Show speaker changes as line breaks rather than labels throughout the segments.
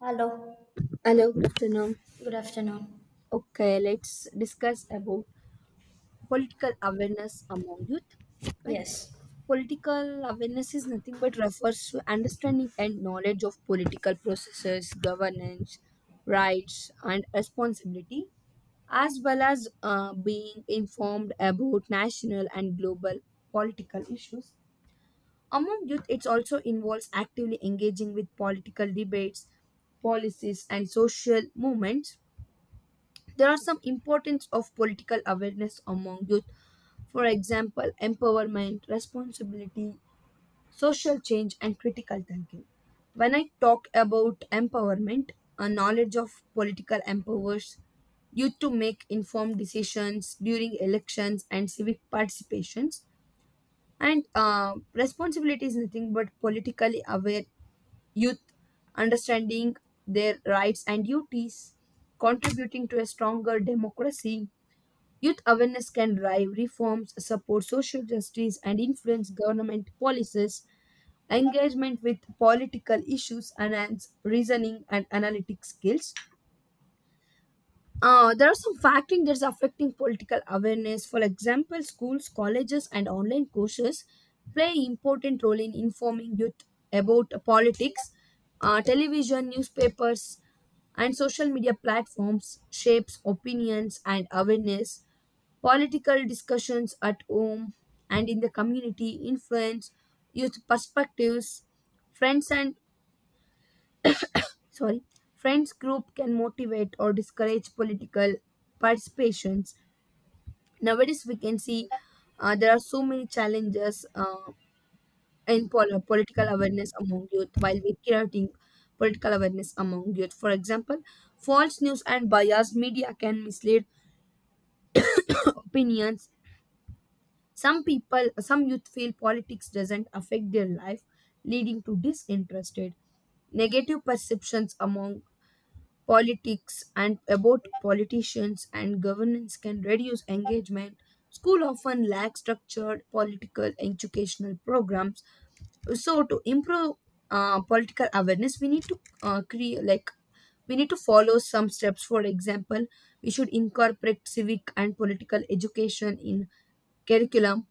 Hello.
Hello, good afternoon.
Good afternoon.
Okay, let's discuss about political awareness among youth. Like,
Yes.
political awareness is nothing but refers to understanding and knowledge of political processes, governance, rights, and responsibility, as well as being informed about national and global political issues. Among youth, it also involves actively engaging with political debates, policies, and social movements. There are some importance of political awareness among youth. For example, empowerment, responsibility, social change, and critical thinking. When I talk about empowerment, a knowledge of political empowers youth to make informed decisions during elections and civic participations. And responsibility is nothing but politically aware youth understanding their rights and duties, contributing to a stronger democracy. Youth awareness can drive reforms, support social justice, and influence government policies. Engagement with political issues enhance reasoning and analytic skills. There are some factors that's affecting political awareness. For example, schools, colleges, and online courses play important role in informing youth about politics. Television, newspapers, and social media platforms shapes opinions and awareness. Political discussions at home and in the community influence youth perspectives. Friends and sorry friends group can motivate or discourage political participations. Nowadays we can see, there are so many challenges, in political awareness among youth, while we creating political awareness among youth. For example, false news and biased media can mislead opinions. Some people, some youth feel politics doesn't affect their life, leading to disinterested negative perceptions among politics, and about politicians and governance can reduce engagement. School often lack structured political educational programs. So to improve political awareness, we need to create, like, we need to follow some steps. For example, we should incorporate civic and political education in curriculum,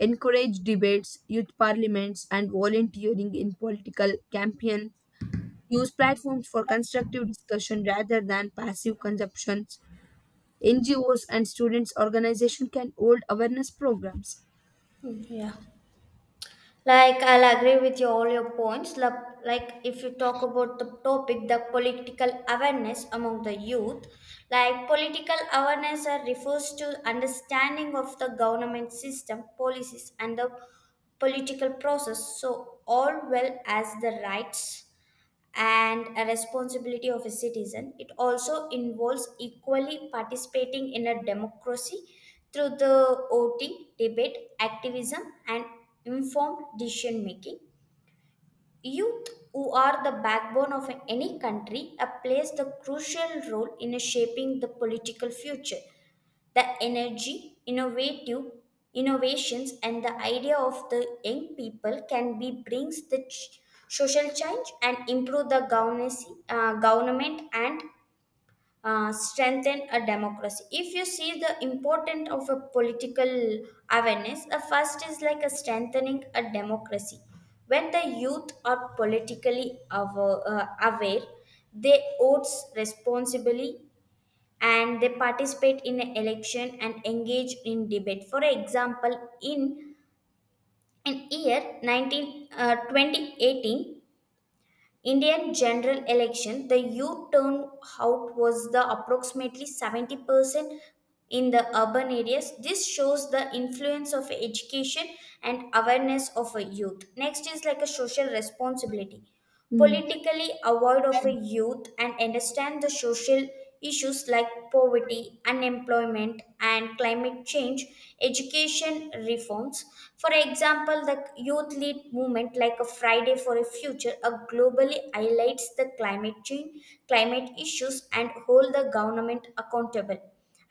encourage debates, youth parliaments, and volunteering in political campaign. Use platforms for constructive discussion rather than passive consumptions. NGOs and students' organizations can hold awareness programs.
Yeah. I'll agree with you all your points. If you talk about the topic, the political awareness among the youth, like political awareness refers to understanding of the government system, policies, and the political process. So all well as the rights and a responsibility of a citizen. It also involves equally participating in a democracy through the voting, debate, activism, and informed decision making. Youth, who are the backbone of any country, plays the crucial role in shaping the political future, the energy, innovative innovations, and the idea of the young people can be brings the social change and improve the governance, government and strengthen a democracy. If you see the importance of a political awareness, the first is like a strengthening a democracy. When the youth are politically aware, they vote responsibly and they participate in an election and engage in debate. For example, in year 19, 2018 Indian general election, the youth turnout was the approximately 70% in the urban areas. This shows the influence of education and awareness of a youth. Next is like a social responsibility,
Hmm.
politically aware of a youth and understand the social issues like poverty, unemployment, and climate change, education reforms. For example, the youth lead movement like a Friday for a Future globally highlights the climate change, climate issues, and hold the government accountable.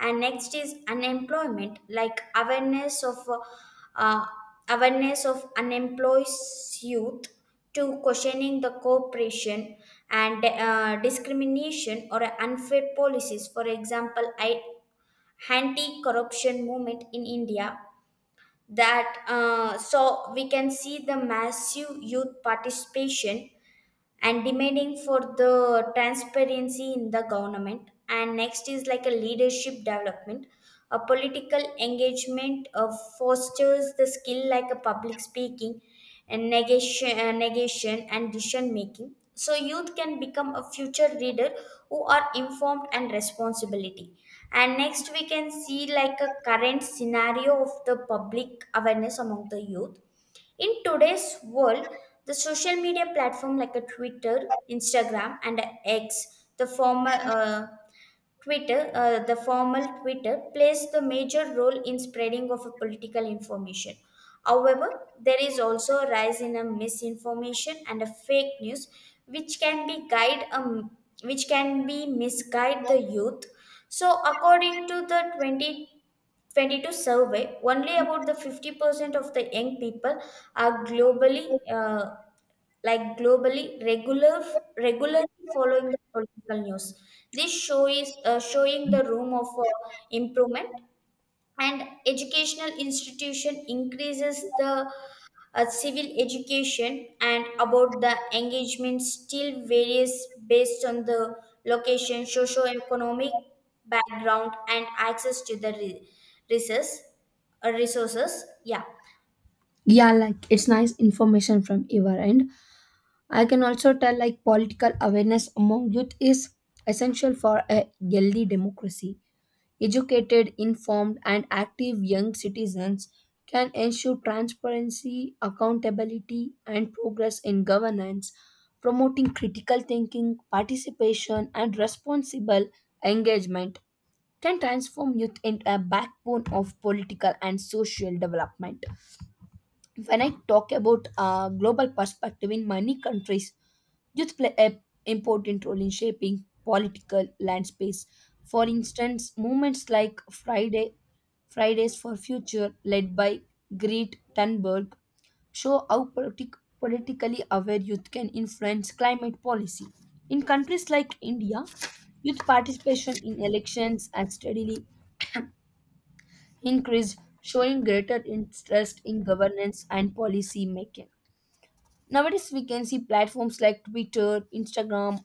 And next is unemployment, like uh, awareness of unemployed youth to questioning the cooperation and discrimination or unfair policies. For example, I anti-corruption movement in India that so we can see the massive youth participation and demanding for the transparency in the government. And next is like a leadership development, a political engagement fosters the skill like a public speaking and negation and decision making, so youth can become a future leader who are informed and responsibility. And next we can see like a current scenario of the public awareness among the youth in today's world, the social media platform like a Twitter, Instagram, and a X, the formal Twitter plays the major role in spreading of a political information. However, there is also a rise in a misinformation and a fake news, which can be guide um, which can be misguide the youth. So, according to the 2022 survey, only about the 50% of the young people are globally, like regularly following the political news. This show is showing the room of improvement, and educational institution increases the civil education, and about the engagement still varies based on the location, socio-economic background, and access to the resources, resources, yeah.
Yeah, like it's nice information from your end. I can also tell, like, political awareness among youth is essential for a healthy democracy. Educated, informed, and active young citizens can ensure transparency, accountability, and progress in governance. Promoting critical thinking, participation, and responsible engagement can transform youth into a backbone of political and social development. When I talk about a global perspective, in many countries youth play an important role in shaping political landscapes. For instance, movements like Friday, Fridays for Future, led by Greta Thunberg, show how politically aware youth can influence climate policy. In countries like India, youth participation in elections has steadily increased, showing greater interest in governance and policy making. Nowadays, we can see platforms like Twitter, Instagram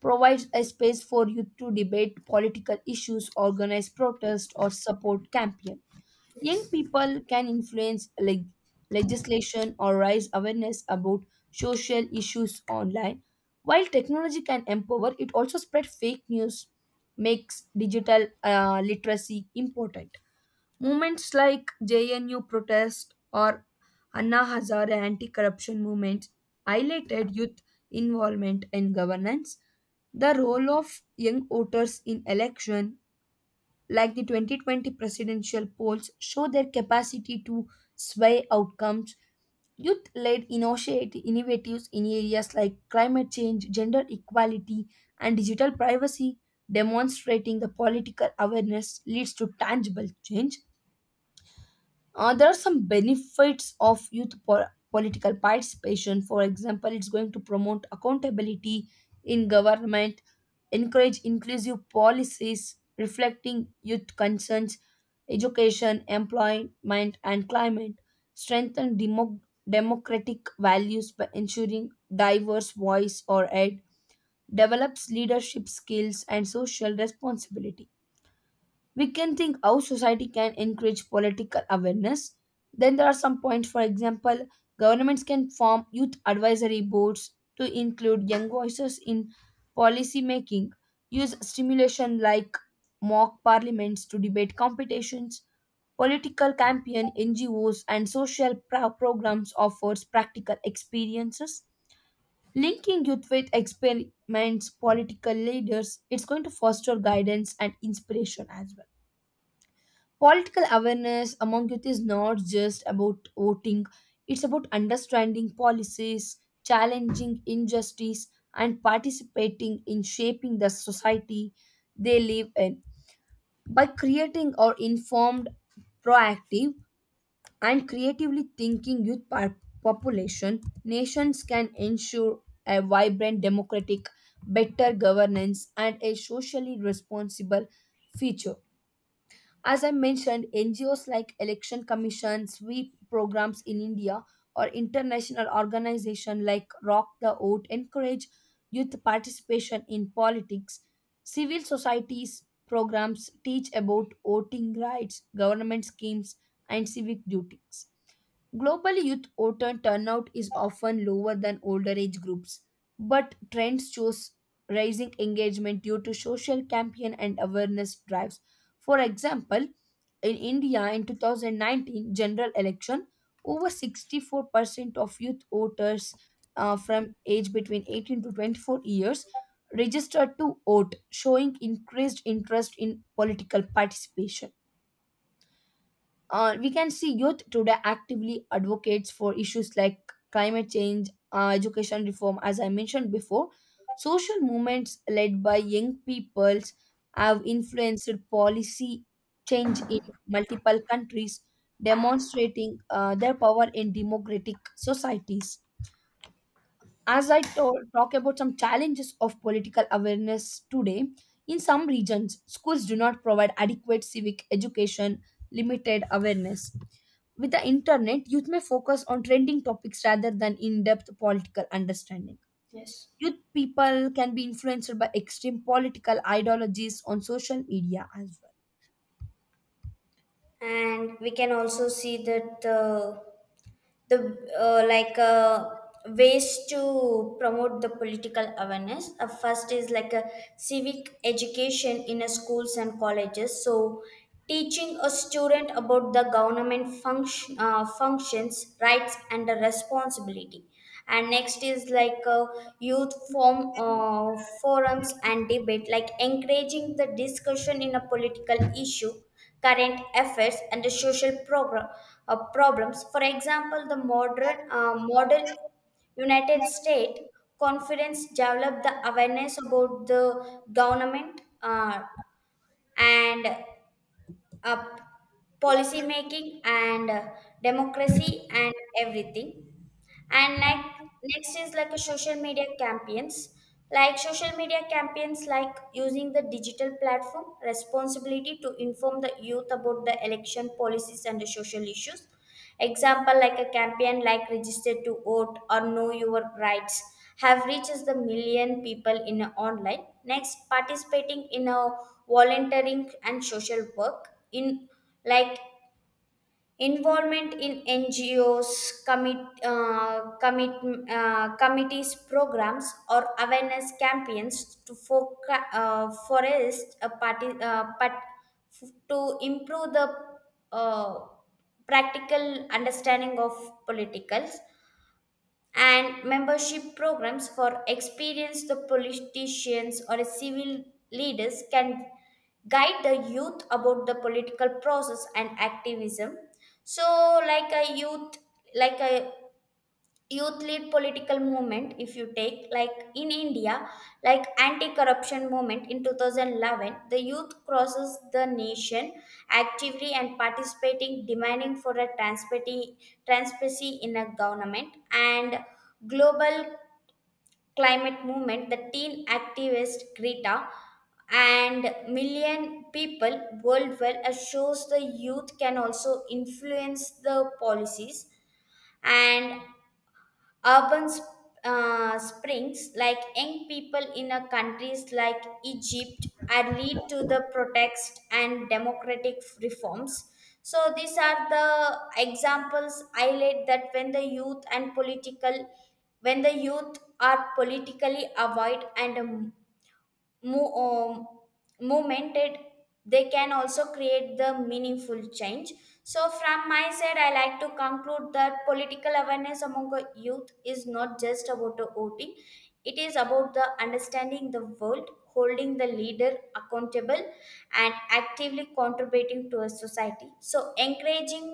provides a space for youth to debate political issues, organize protests, or support campaigns. Young people can influence legislation or raise awareness about social issues online. While technology can empower, it also spread fake news, makes digital literacy important. Movements like JNU protest or Anna Hazare anti-corruption movement highlighted youth involvement in governance. The role of young voters in election, like the 2020 presidential polls, show their capacity to sway outcomes. Youth-led innovatives in areas like climate change, gender equality, and digital privacy, demonstrating the political awareness leads to tangible change. There are some benefits of youth political participation. For example, it's going to promote accountability in government, encourage inclusive policies reflecting youth concerns, education, employment, and climate, strengthen democratic values by ensuring diverse voice or aid, develops leadership skills and social responsibility. We can think how society can encourage political awareness. Then there are some points. For example, governments can form youth advisory boards to include young voices in policy making, use stimulation like mock parliaments to debate competitions, political campaign, ngos and social programs offers practical experiences. Linking youth with experiments political leaders, it's going to foster guidance and inspiration as well. Political awareness among youth is not just about voting, it's about understanding policies, challenging injustice, and participating in shaping the society they live in. By creating or informed, proactive, and creatively thinking youth population, nations can ensure a vibrant democratic, better governance, and a socially responsible future. As I mentioned, NGOs like election commission, sweep programs in India, or international organizations like Rock the Vote encourage youth participation in politics. Civil societies programs teach about voting rights, government schemes, and civic duties. Global youth voter turnout is often lower than older age groups, but trends shows rising engagement due to social campaign and awareness drives. For example, in India in 2019 general election, over 64% of youth voters, from age between 18 to 24 years registered to vote, showing increased interest in political participation. We can see youth today actively advocates for issues like climate change, education reform, as I mentioned before. Social movements led by young peoples have influenced policy change in multiple countries, demonstrating their power in democratic societies. As I talk about some challenges of political awareness today, in some regions, schools do not provide adequate civic education, limited awareness. With the internet, youth may focus on trending topics rather than in depth political understanding.
Yes.
Youth people can be influenced by extreme political ideologies on social media as well.
And we can also see that the uh, like uh, ways to promote the political awareness, first is like a civic education in a schools and colleges, so teaching a student about the government functions, rights, and the responsibility. And next is like youth form forums and debate like encouraging the discussion in a political issue, current affairs, and the social program, problems. For example, the modern United States conference developed the awareness about the government and uh, policy making, and democracy and everything. And like next is like a social media campaigns, like social media campaigns, like using the digital platform responsibility to inform the youth about the election policies and the social issues. Example, like a campaign like register to vote or know your rights, have reaches the million people in a online. Next, participating in a volunteering and social work, in like involvement in ngos, uh, commit, committees programs or awareness campaigns to foca- forest a party, part- to improve the uh, practical understanding of politicals. And membership programs for experienced politicians or civil leaders can guide the youth about the political process and activism. So like a youth led political movement, if you take like in india, like anti corruption movement in 2011, the youth crosses the nation actively and participating demanding for a transparency, transparency in a government. And global climate movement, the teen activist greta and million people worldwide shows the youth can also influence the policies. And Urban sp- springs, like young people in a countries like Egypt, and lead to the protest and democratic reforms. So these are the examples highlight that when the youth are politically aware and mo- um, momented, they can also create the meaningful change. So from my side I like to conclude that political awareness among the youth is not just about the voting, it is about the understanding the world, holding the leader accountable, and actively contributing to a society. So encouraging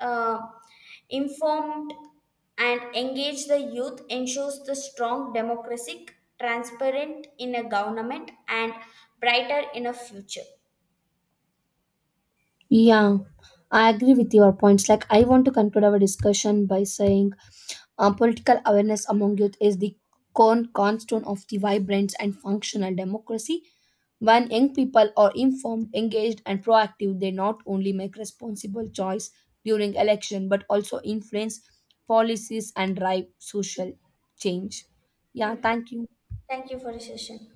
uh, informed and engage the youth ensures the strong democracy, transparent in a government, and brighter in a future.
Yeah, I agree with your points. Like, I want to conclude our discussion by saying, political awareness among youth is the cornerstone of the vibrant and functional democracy. When young people are informed, engaged, and proactive, they not only make responsible choice during election but also influence policies and drive social change. Yeah,
Yeah.
thank you.
Thank you for the session.